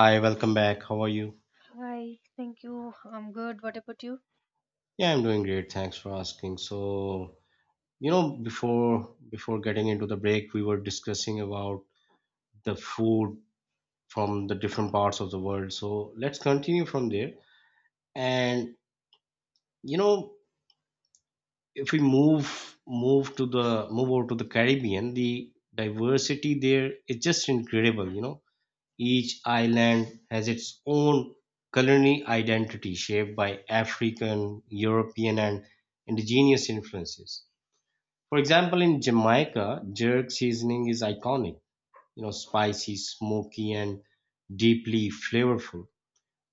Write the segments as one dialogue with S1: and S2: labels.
S1: Hi, welcome back. How are you?
S2: Hi, thank you. I'm good. What about you?
S1: Yeah, I'm doing great. Thanks for asking. Before getting into the break, we were discussing about the food from the different parts of the world. So, let's continue from there. And you know, if we move over to the Caribbean, the diversity there is just incredible, you know. Each island has its own culinary identity shaped by African, European, and indigenous influences. For example, in Jamaica, jerk seasoning is iconic, spicy, smoky, and deeply flavorful.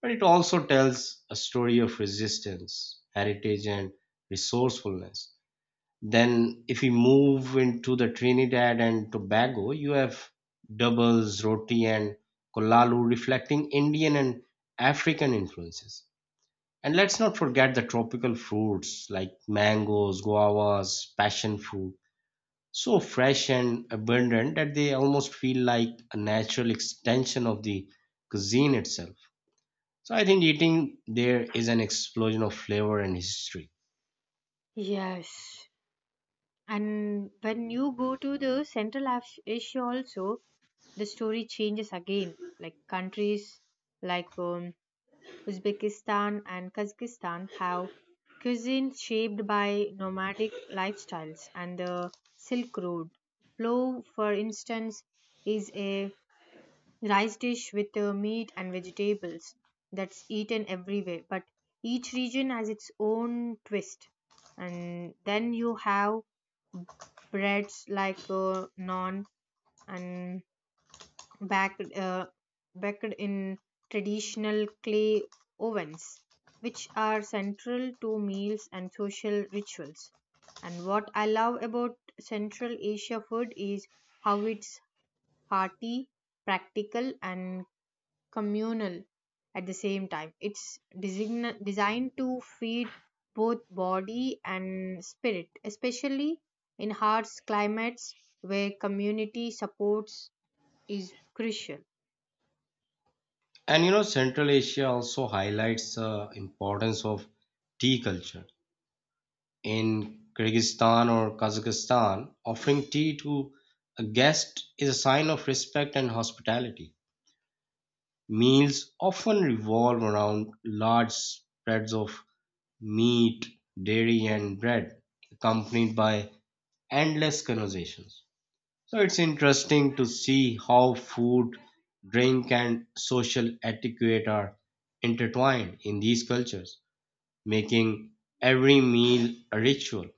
S1: But it also tells a story of resistance, heritage, and resourcefulness. Then, if we move into the Trinidad and Tobago, you have doubles, roti, and kolalu reflecting Indian and African influences. And let's not forget the tropical fruits like mangoes, guavas, passion fruit, so fresh and abundant that they almost feel like a natural extension of the cuisine itself. So I think eating there is an explosion of flavor and history.
S2: Yes. And when you go to the Central Asia also, the story changes again. Like countries like Uzbekistan and Kazakhstan have cuisine shaped by nomadic lifestyles and the Silk Road. Plow, for instance, is a rice dish with meat and vegetables that's eaten everywhere, but each region has its own twist. And then you have breads like naan, and baked uh, baked in traditional clay ovens, which are central to meals and social rituals. And what I love about Central Asia food is how it's hearty, practical, and communal at the same time. It's designed to feed both body and spirit, especially in harsh climates where community supports is crucial.
S1: And you know, Central Asia also highlights the importance of tea culture. In Kyrgyzstan or Kazakhstan, offering tea to a guest is a sign of respect and hospitality. Meals often revolve around large spreads of meat, dairy, and bread, accompanied by endless conversations. So it's interesting to see how food, drink, and social etiquette are intertwined in these cultures, making every meal a ritual.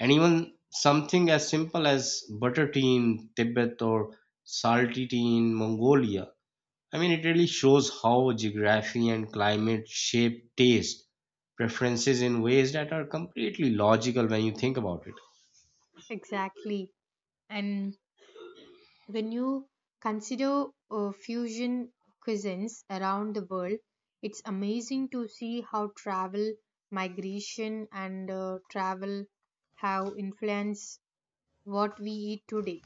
S1: And even something as simple as butter tea in Tibet or salty tea in Mongolia. I mean, it really shows how geography and climate shape taste preferences in ways that are completely logical when you think about it.
S2: Exactly. And when you consider fusion cuisines around the world, it's amazing to see how travel, migration, and travel have influenced what we eat today.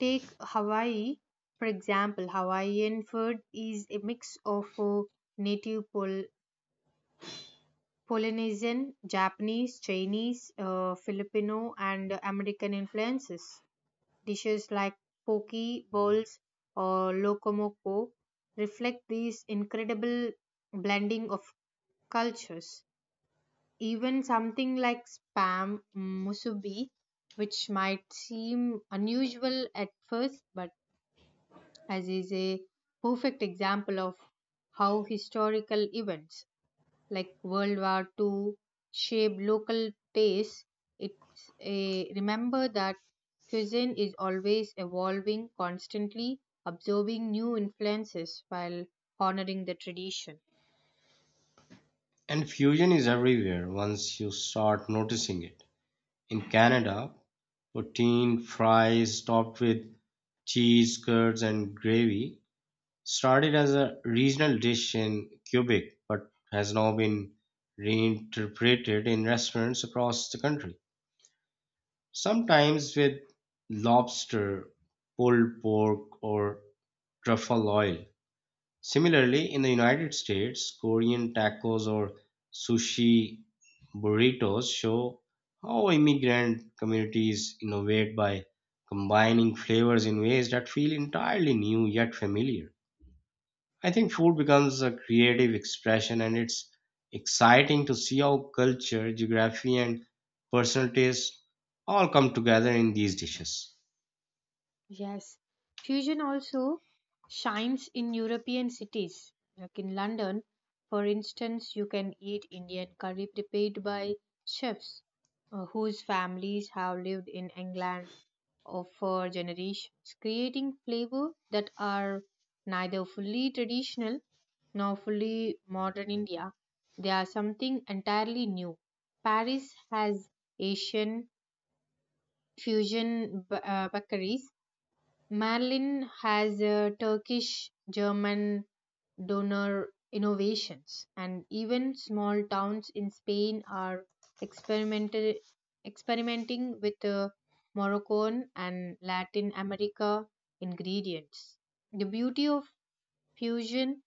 S2: Take Hawaii, for example. Hawaiian food is a mix of native Polynesian, Japanese, Chinese, Filipino, and American influences. Dishes like poke bowls or lokomoko reflect this incredible blending of cultures. Even something like spam musubi, which might seem unusual at first, but as is a perfect example of how historical events like World War II shape local tastes. It's a remember that cuisine is always evolving, constantly absorbing new influences while honoring the tradition.
S1: And fusion is everywhere once you start noticing it. In Canada, poutine fries topped with cheese curds and gravy started as a regional dish in Quebec but has now been reinterpreted in restaurants across the country, sometimes with lobster, pulled pork, or truffle oil. Similarly, in the United States, Korean tacos or sushi burritos show how immigrant communities innovate by combining flavors in ways that feel entirely new yet familiar. I think food becomes a creative expression and it's exciting to see how culture, geography, and personal taste all come together in these dishes.
S2: Yes, fusion also shines in European cities. Like in London, for instance, you can eat Indian curry prepared by chefs whose families have lived in England or for generations, creating flavor that are neither fully traditional nor fully modern India. They are something entirely new. Paris has Asian fusion bakeries. Merlin has a Turkish German donor innovations, and even small towns in Spain are experimented, experimenting with Moroccan and Latin America ingredients. The beauty of fusion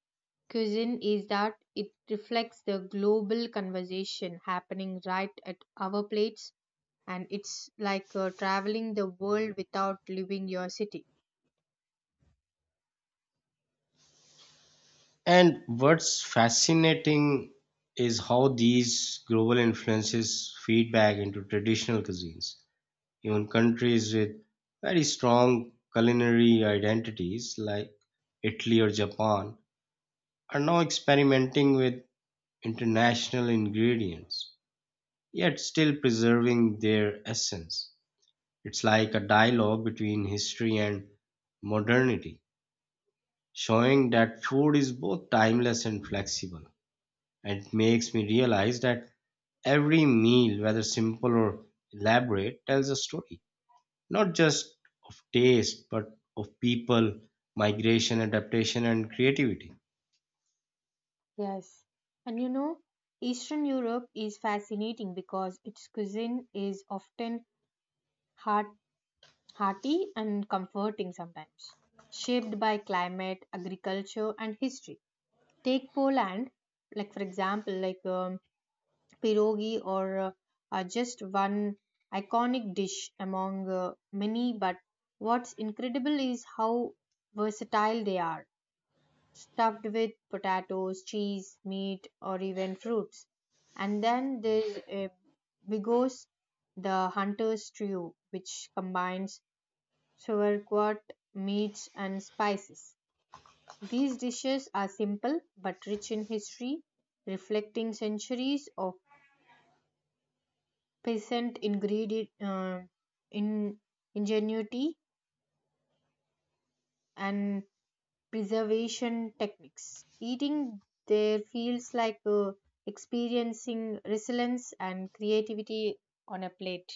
S2: cuisine is that it reflects the global conversation happening right at our plates, and it's like traveling the world without leaving your city.
S1: And what's fascinating is how these global influences feed back into traditional cuisines. Even countries with very strong culinary identities like Italy or Japan are now experimenting with international ingredients, yet still preserving their essence. It's like a dialogue between history and modernity, showing that food is both timeless and flexible. It makes me realize that every meal, whether simple or elaborate, tells a story, not just of taste, but of people, migration, adaptation, and creativity.
S2: Yes. And Eastern Europe is fascinating because its cuisine is often heart, hearty and comforting sometimes, shaped by climate, agriculture, and history. Take Poland, like for example, pierogi, or just one iconic dish among many, but what's incredible is how versatile they are, stuffed with potatoes, cheese, meat, or even fruits. And then there's a bigos, the hunter's stew, which combines sauerkraut, meats, and spices. These dishes are simple but rich in history, reflecting centuries of peasant ingredient, in ingenuity and preservation techniques. Eating there feels like experiencing resilience and creativity on a plate.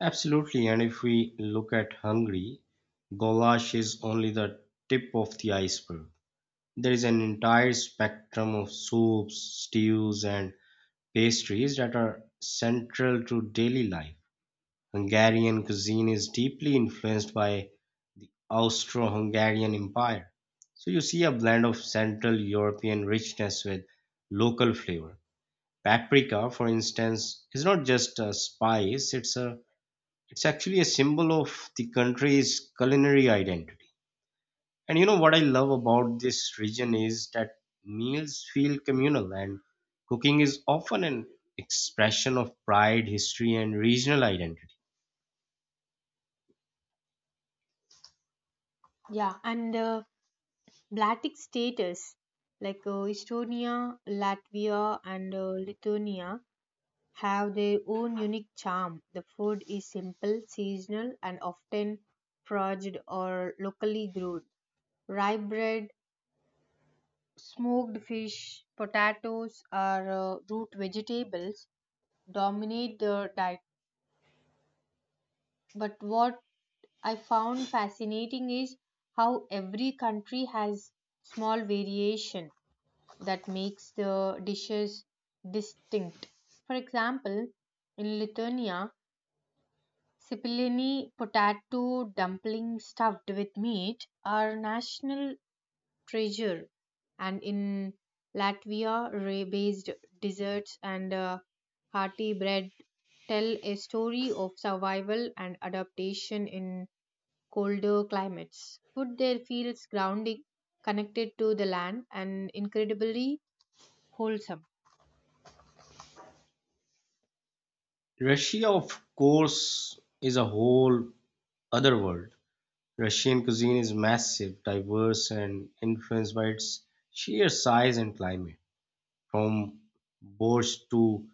S1: Absolutely. And if we look at Hungary, goulash is only the tip of the iceberg. There is an entire spectrum of soups, stews, and pastries that are central to daily life. Hungarian cuisine is deeply influenced by Austro-Hungarian Empire. So you see a blend of Central European richness with local flavor. Paprika, for instance, is not just a spice, it's actually a symbol of the country's culinary identity. And you know what I love about this region is that meals feel communal and cooking is often an expression of pride, history and regional identity.
S2: Yeah, and Baltic status like Estonia, Latvia, and Lithuania have their own unique charm. The food is simple, seasonal, and often foraged or locally grown. Rye bread, smoked fish, potatoes, or root vegetables dominate the diet. But what I found fascinating is how every country has small variation that makes the dishes distinct. For example, in Lithuania, Sipilini potato dumpling stuffed with meat are national treasure, and in Latvia, ray based desserts and hearty bread tell a story of survival and adaptation in colder climates. Food there feels grounding, connected to the land, and incredibly wholesome.
S1: Russia, of course, is a whole other world. Russian cuisine is massive, diverse, and influenced by its sheer size and climate. From borscht to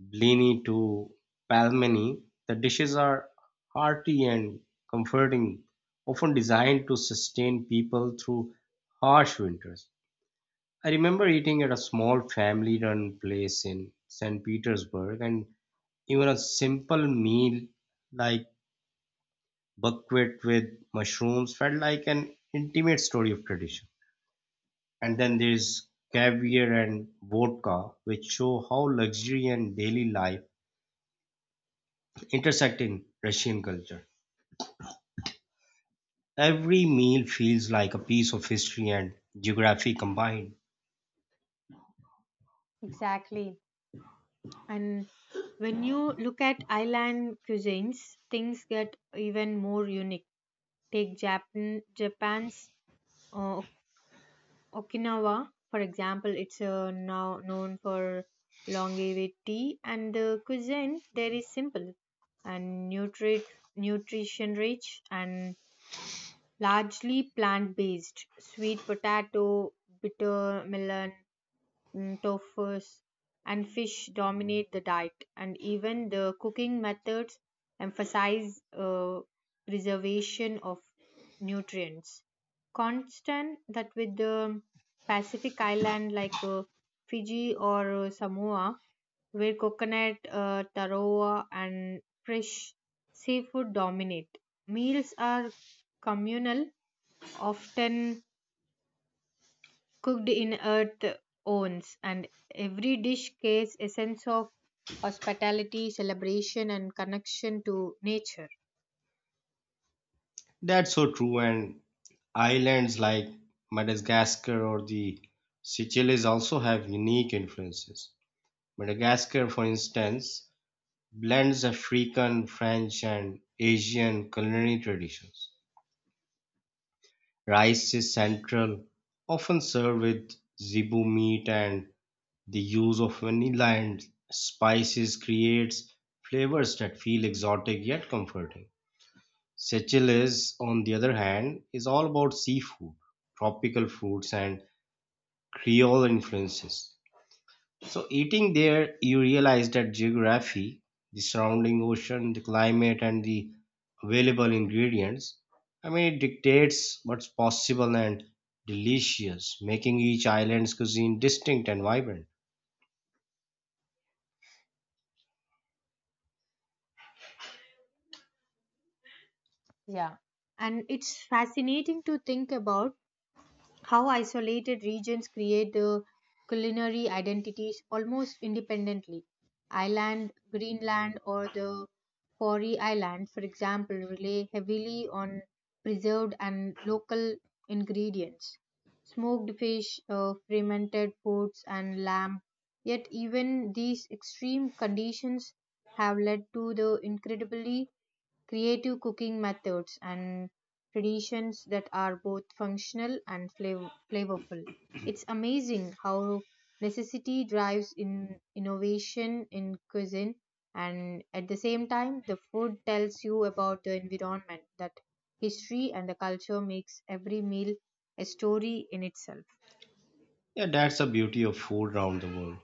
S1: blini to pelmeni, the dishes are hearty and comforting, often designed to sustain people through harsh winters. I remember eating at a small family run place in St. Petersburg, and even a simple meal like buckwheat with mushrooms felt like an intimate story of tradition. And then there's caviar and vodka, which show how luxury and daily life intersect in Russian culture. Every meal feels like a piece of history and geography combined.
S2: Exactly. And when you look at island cuisines, things get even more unique. Take Japan's uh, Okinawa, for example. It's now known for longevity, and the cuisine there is simple and nutrition rich and largely plant based. Sweet potato, bitter melon, tofu's, and fish dominate the diet, and even the cooking methods emphasize preservation of nutrients. Constant that with the Pacific island like Fiji or Samoa, where coconut, taro, and fresh seafood dominate. Meals are communal, often cooked in earth owns, and every dish carries a sense of hospitality, celebration, and connection to nature.
S1: That's so true. And islands like Madagascar or the Seychelles also have unique influences. Madagascar, for instance, blends African, French and Asian culinary traditions. Rice is central, often served with zebu meat and the use of vanilla and spices creates flavors that feel exotic yet comforting. Seychelles, on the other hand, is all about seafood, tropical fruits and Creole influences. So eating there, you realize that geography, the surrounding ocean, the climate, and the available ingredients, I mean, it dictates what's possible and delicious, making each island's cuisine distinct and vibrant.
S2: Yeah. And it's fascinating to think about how isolated regions create culinary identities almost independently. Ireland, Greenland, or the Faroe Islands, for example, rely heavily on preserved and local ingredients. Smoked fish, fermented foods, and lamb. Yet, even these extreme conditions have led to the incredibly creative cooking methods and traditions that are both functional and flavorful. It's amazing how necessity drives in innovation in cuisine, and at the same time the food tells you about the environment, that history and the culture makes every meal a story in itself.
S1: Yeah, that's the beauty of food around the world,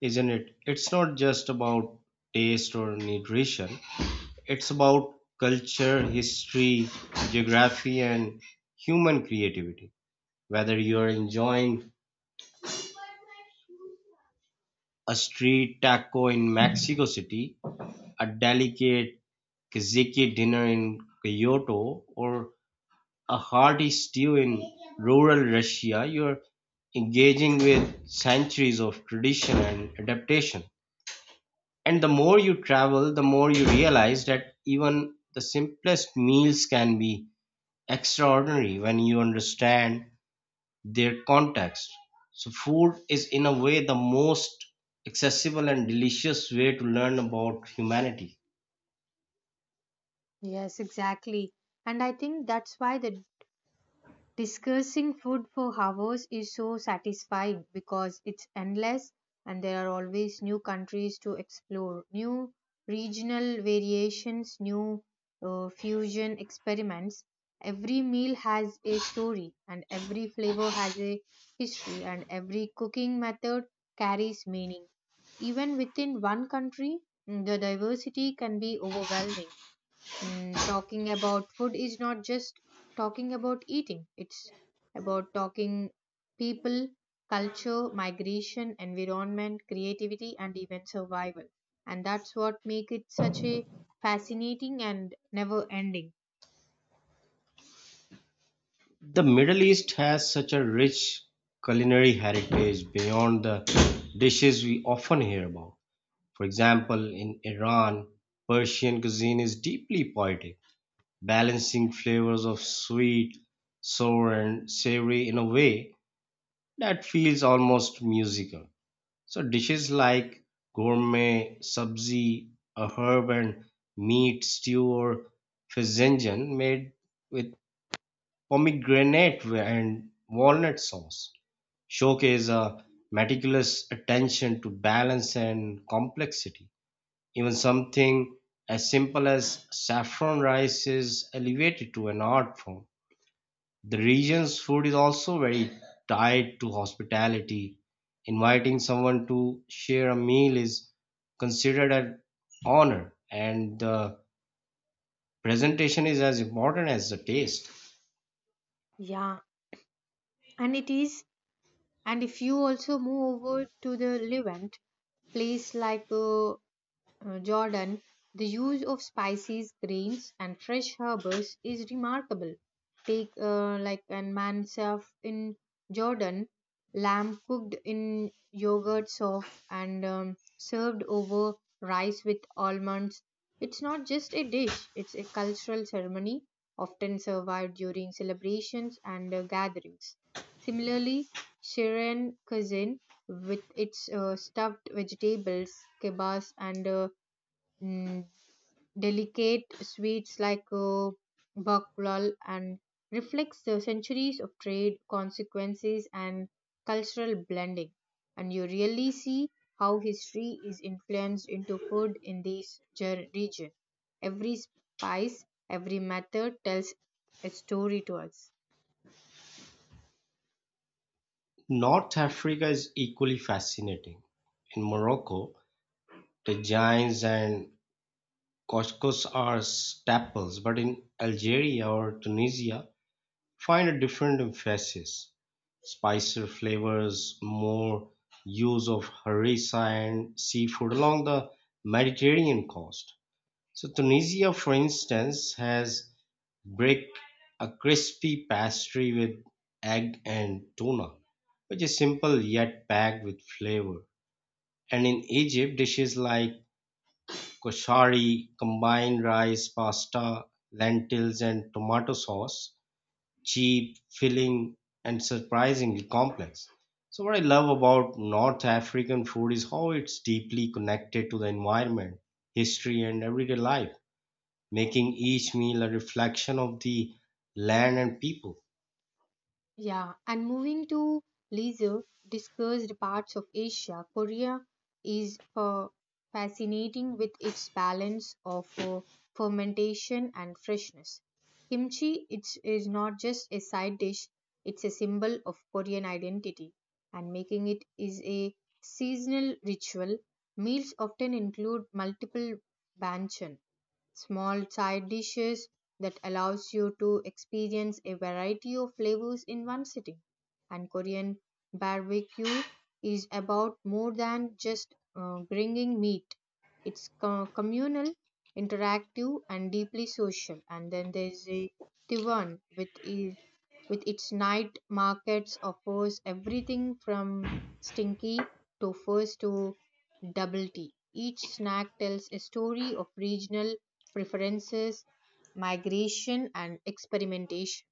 S1: isn't it? It's not just about taste or nutrition. It's about culture, history, geography, and human creativity. Whether you're enjoying a street taco in Mexico City, a delicate Kazakh dinner in Kyoto, or a hearty stew in rural Russia, you're engaging with centuries of tradition and adaptation. And the more you travel, the more you realize that even the simplest meals can be extraordinary when you understand their context. So, food is, in a way, the most accessible and delicious way to learn about humanity.
S2: Yes, exactly. And I think that's why the discussing food for hours is so satisfying, because it's endless and there are always new countries to explore, new regional variations, new fusion experiments. Every meal has a story, and every flavor has a history, and every cooking method carries meaning. Even within one country, the diversity can be overwhelming. Talking about food is not just talking about eating, it's about talking people, culture, migration, environment, creativity, and even survival. And that's what makes it such a fascinating and never ending.
S1: The Middle East has such a rich culinary heritage beyond the dishes we often hear about. For example, in Iran, Persian cuisine is deeply poetic, balancing flavors of sweet, sour, and savory in a way that feels almost musical. So dishes like gourmet sabzi, a herb and meat stew or fezzenjan made with pomegranate and walnut sauce showcase a meticulous attention to balance and complexity. Even something as simple as saffron rice is elevated to an art form. The region's food is also very tied to hospitality. Inviting someone to share a meal is considered an honor, and the presentation is as important as the taste.
S2: Yeah, and it is. And if you also move over to the Levant, place like Jordan, the use of spices, grains, and fresh herbs is remarkable. Take like an mansaf in Jordan, lamb cooked in yogurt sauce and served over rice with almonds. It's not just a dish; it's a cultural ceremony, often survived during celebrations and gatherings. Similarly, Syrian cuisine, with its stuffed vegetables, kebabs, and mm, delicate sweets like baklal and reflects the centuries of trade consequences and cultural blending, and you really see how history is influenced into food in this region. Every spice, every method tells a story to us.
S1: North Africa is equally fascinating. In Morocco, tagines and couscous are staples, but in Algeria or Tunisia, find a different emphasis. Spicier flavors, more use of harissa and seafood along the Mediterranean coast. So Tunisia, for instance, has brick, a crispy pastry with egg and tuna, which is simple yet packed with flavor. And in Egypt, dishes like koshari combine rice, pasta, lentils, and tomato sauce. Cheap, filling, and surprisingly complex. So, what I love about North African food is how it's deeply connected to the environment, history, and everyday life, making each meal a reflection of the land and people.
S2: Yeah, and moving to leisure discussed parts of Asia, Korea is fascinating with its balance of fermentation and freshness. Kimchi is not just a side dish, it's a symbol of Korean identity, and making it is a seasonal ritual. Meals often include multiple banchan, small side dishes that allows you to experience a variety of flavors in one sitting. And Korean barbecue is about more than just bringing meat. It's communal, interactive, and deeply social. And then there's a Taiwan with its night markets offers everything from stinky to first to double tea. Each snack tells a story of regional preferences, migration, and experimentation.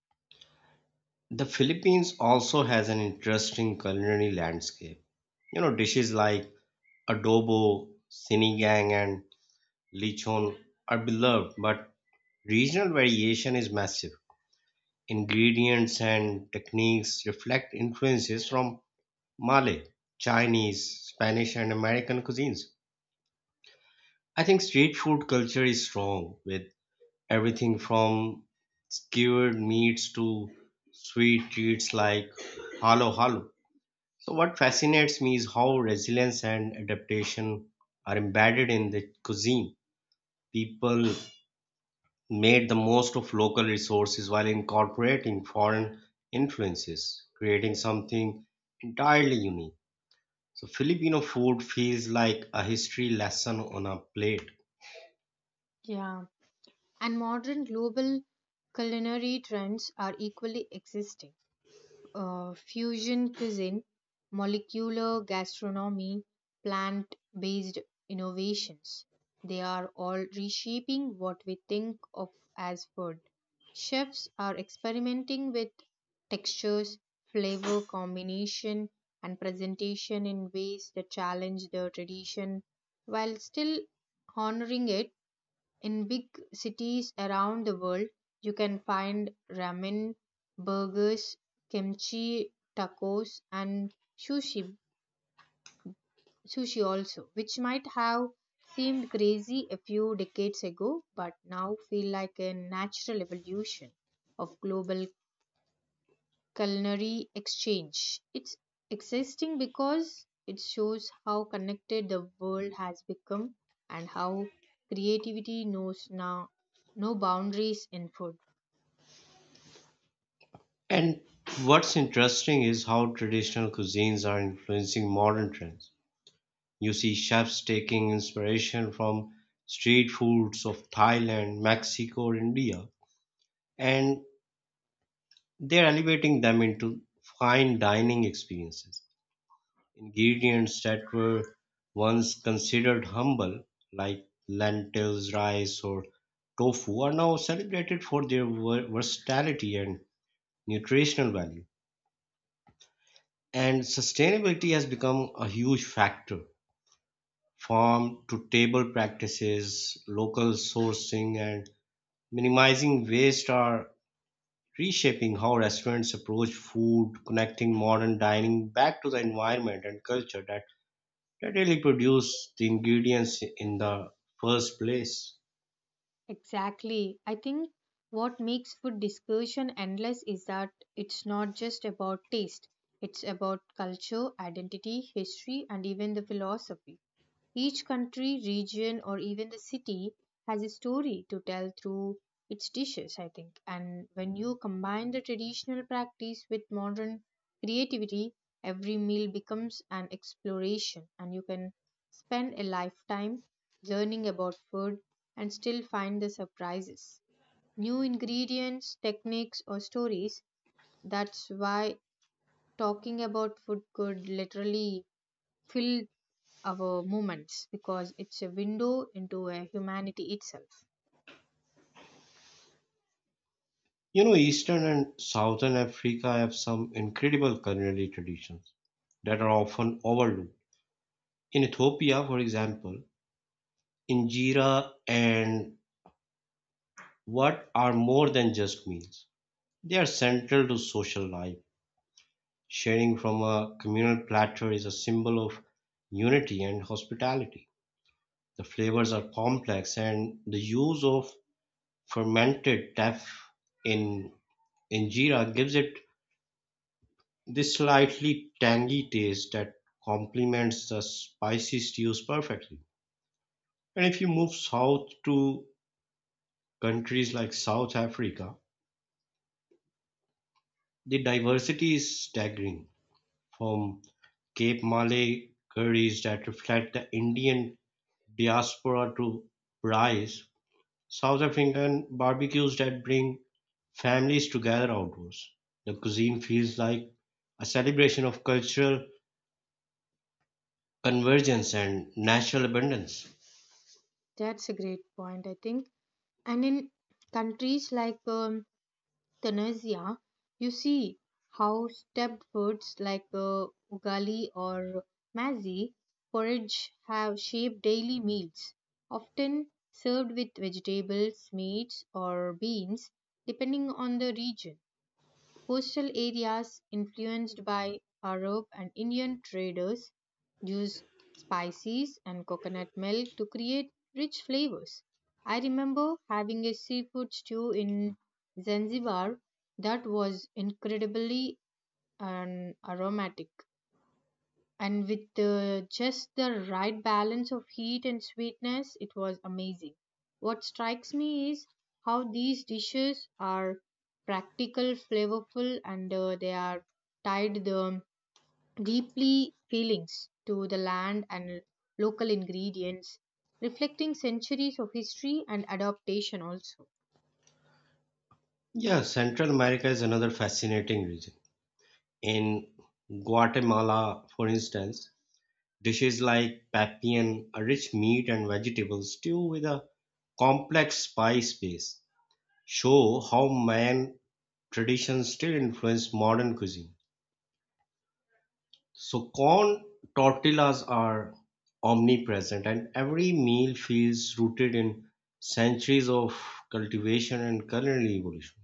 S1: The Philippines also has an interesting culinary landscape. You know, dishes like adobo, sinigang, and lechon are beloved, but regional variation is massive. Ingredients and techniques reflect influences from Malay, Chinese, Spanish, and American cuisines. I think street food culture is strong with everything from skewered meats to sweet treats like halo halo. So, what fascinates me is how resilience and adaptation are embedded in the cuisine. People made the most of local resources while incorporating foreign influences, creating something entirely unique. So, Filipino food feels like a history lesson on a plate.
S2: Yeah. And modern global culinary trends are equally existing. Fusion cuisine, molecular gastronomy, plant based innovations. They are all reshaping what we think of as food. Chefs are experimenting with textures, flavor combination, and presentation in ways that challenge the tradition while still honoring it. In big cities around the world, you can find ramen, burgers, kimchi, tacos, and sushi, sushi also, which might have seemed crazy a few decades ago but now feel like a natural evolution of global culinary exchange. It's existing because it shows how connected the world has become and how creativity knows now no boundaries in food.
S1: And what's interesting is how traditional cuisines are influencing modern trends. You see chefs taking inspiration from street foods of Thailand, Mexico, or India, and they're elevating them into fine dining experiences. Ingredients that were once considered humble, like lentils, rice, or tofu, are now celebrated for their versatility and nutritional value. And sustainability has become a huge factor. Farm to table practices, local sourcing, and minimizing waste are reshaping how restaurants approach food, connecting modern dining back to the environment and culture that really produce the ingredients in the first place.
S2: Exactly. I think what makes food discussion endless is that it's not just about taste, it's about culture, identity, history, and even the philosophy. Each country, region, or even the city has a story to tell through its dishes, I think. And when you combine the traditional practice with modern creativity, every meal becomes an exploration, and you can spend a lifetime learning about food, and still find the surprises. New ingredients, techniques, or stories. That's why talking about food could literally fill our moments, because it's a window into a humanity itself.
S1: You know, Eastern and Southern Africa have some incredible culinary traditions that are often overlooked. In Ethiopia, for example, injera and what are more than just meals. They are central to social life. Sharing from a communal platter is a symbol of unity and hospitality. The flavors are complex, and the use of fermented teff in Injera gives it this slightly tangy taste that complements the spicy stews perfectly. And if you move south to countries like South Africa, the diversity is staggering, from Cape Malay curries that reflect the Indian diaspora to braais, South African barbecues that bring families together outdoors. The cuisine feels like a celebration of cultural convergence and natural abundance.
S2: That's a great point, I think. And in countries like Tanzania, you see how stepped foods like ugali or mazi porridge have shaped daily meals, often served with vegetables, meats, or beans, depending on the region. Coastal areas influenced by Arab and Indian traders use spices and coconut milk to create rich flavors. I remember having a seafood stew in Zanzibar that was incredibly aromatic, and with just the right balance of heat and sweetness, it was amazing. What strikes me is how these dishes are practical, flavorful, and they are tied the deeply feelings to the land and local ingredients, reflecting centuries of history and adaptation also.
S1: Yeah, Central America is another fascinating region. In Guatemala, for instance, dishes like papian, a rich meat and vegetable stew with a complex spice base, show how Mayan traditions still influence modern cuisine. So, corn tortillas are omnipresent, and every meal feels rooted in centuries of cultivation and culinary evolution.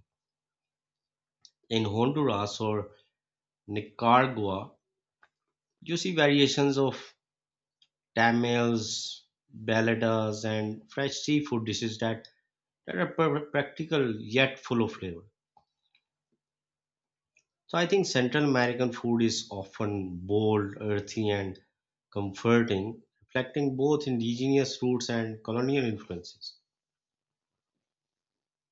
S1: In Honduras or Nicaragua, you see variations of tamales, baladas, and fresh seafood dishes that are practical yet full of flavor. So I think Central American food is often bold, earthy, and comforting, reflecting both indigenous roots and colonial influences.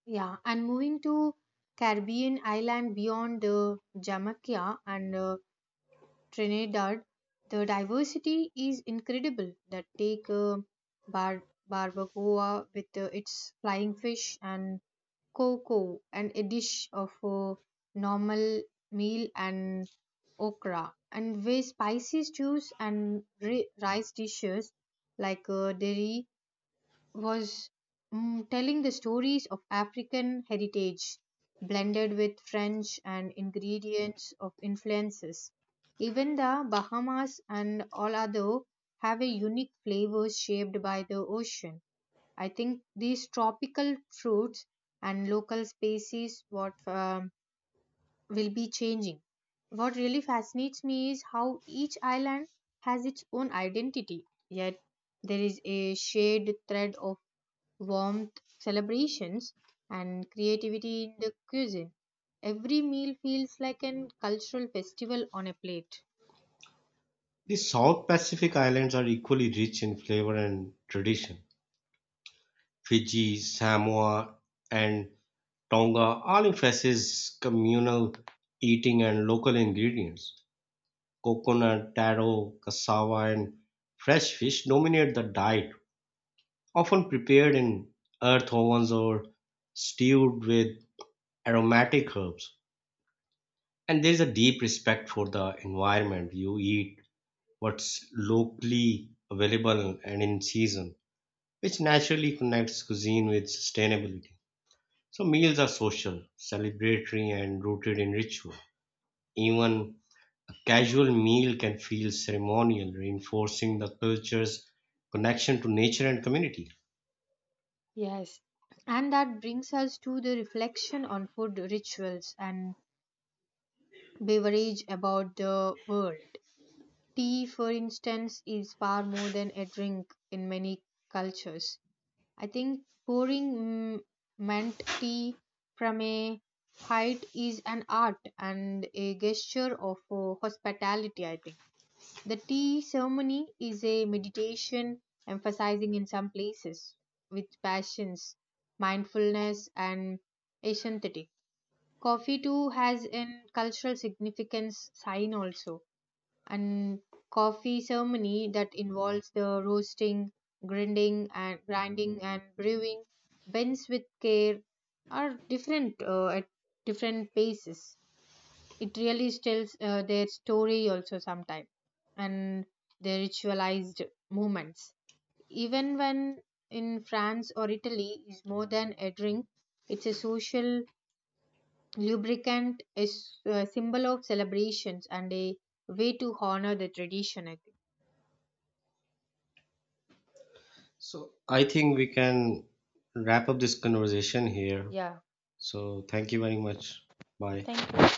S2: Yeah, and moving to Caribbean island beyond Jamaica and Trinidad, the diversity is incredible. That take bar- barbacoa with its flying fish and cocoa, and a dish of normal meal and okra, and with spicy stews and rice dishes like dairy was telling the stories of African heritage blended with French and ingredients of influences. Even the Bahamas and Olado have a unique flavor shaped by the ocean. I think these tropical fruits and local species what will be changing. What really fascinates me is how each island has its own identity, yet there is a shared thread of warmth, celebrations, and creativity in the cuisine. Every meal feels like an cultural festival on a plate.
S1: The South Pacific Islands are equally rich in flavor and tradition. Fiji, Samoa, and Tonga all emphasizes communal eating and local ingredients. Coconut, taro, cassava, and fresh fish dominate the diet, often prepared in earth ovens or stewed with aromatic herbs. And there is a deep respect for the environment. You eat what's locally available and in season, which naturally connects cuisine with sustainability. So, meals are social, celebratory, and rooted in ritual. Even a casual meal can feel ceremonial, reinforcing the culture's connection to nature and community.
S2: Yes, and that brings us to the reflection on food rituals and beverage about the world. Tea, for instance, is far more than a drink in many cultures. I think pouring mint tea from a height is an art and a gesture of hospitality, I think. The tea ceremony is a meditation emphasizing in some places with passions, mindfulness, and aesthetic. Coffee too has an cultural significance sign also, and coffee ceremony that involves the roasting, grinding and brewing blends with care are different at different paces. It really tells their story also sometimes, and the ritualized moments. Even when in France or Italy is more than a drink, it's a social lubricant, a symbol of celebrations and a way to honor the tradition, I think.
S1: So I think we can wrap up this conversation here.
S2: Yeah.
S1: So thank you very much. Bye.
S2: Thank you.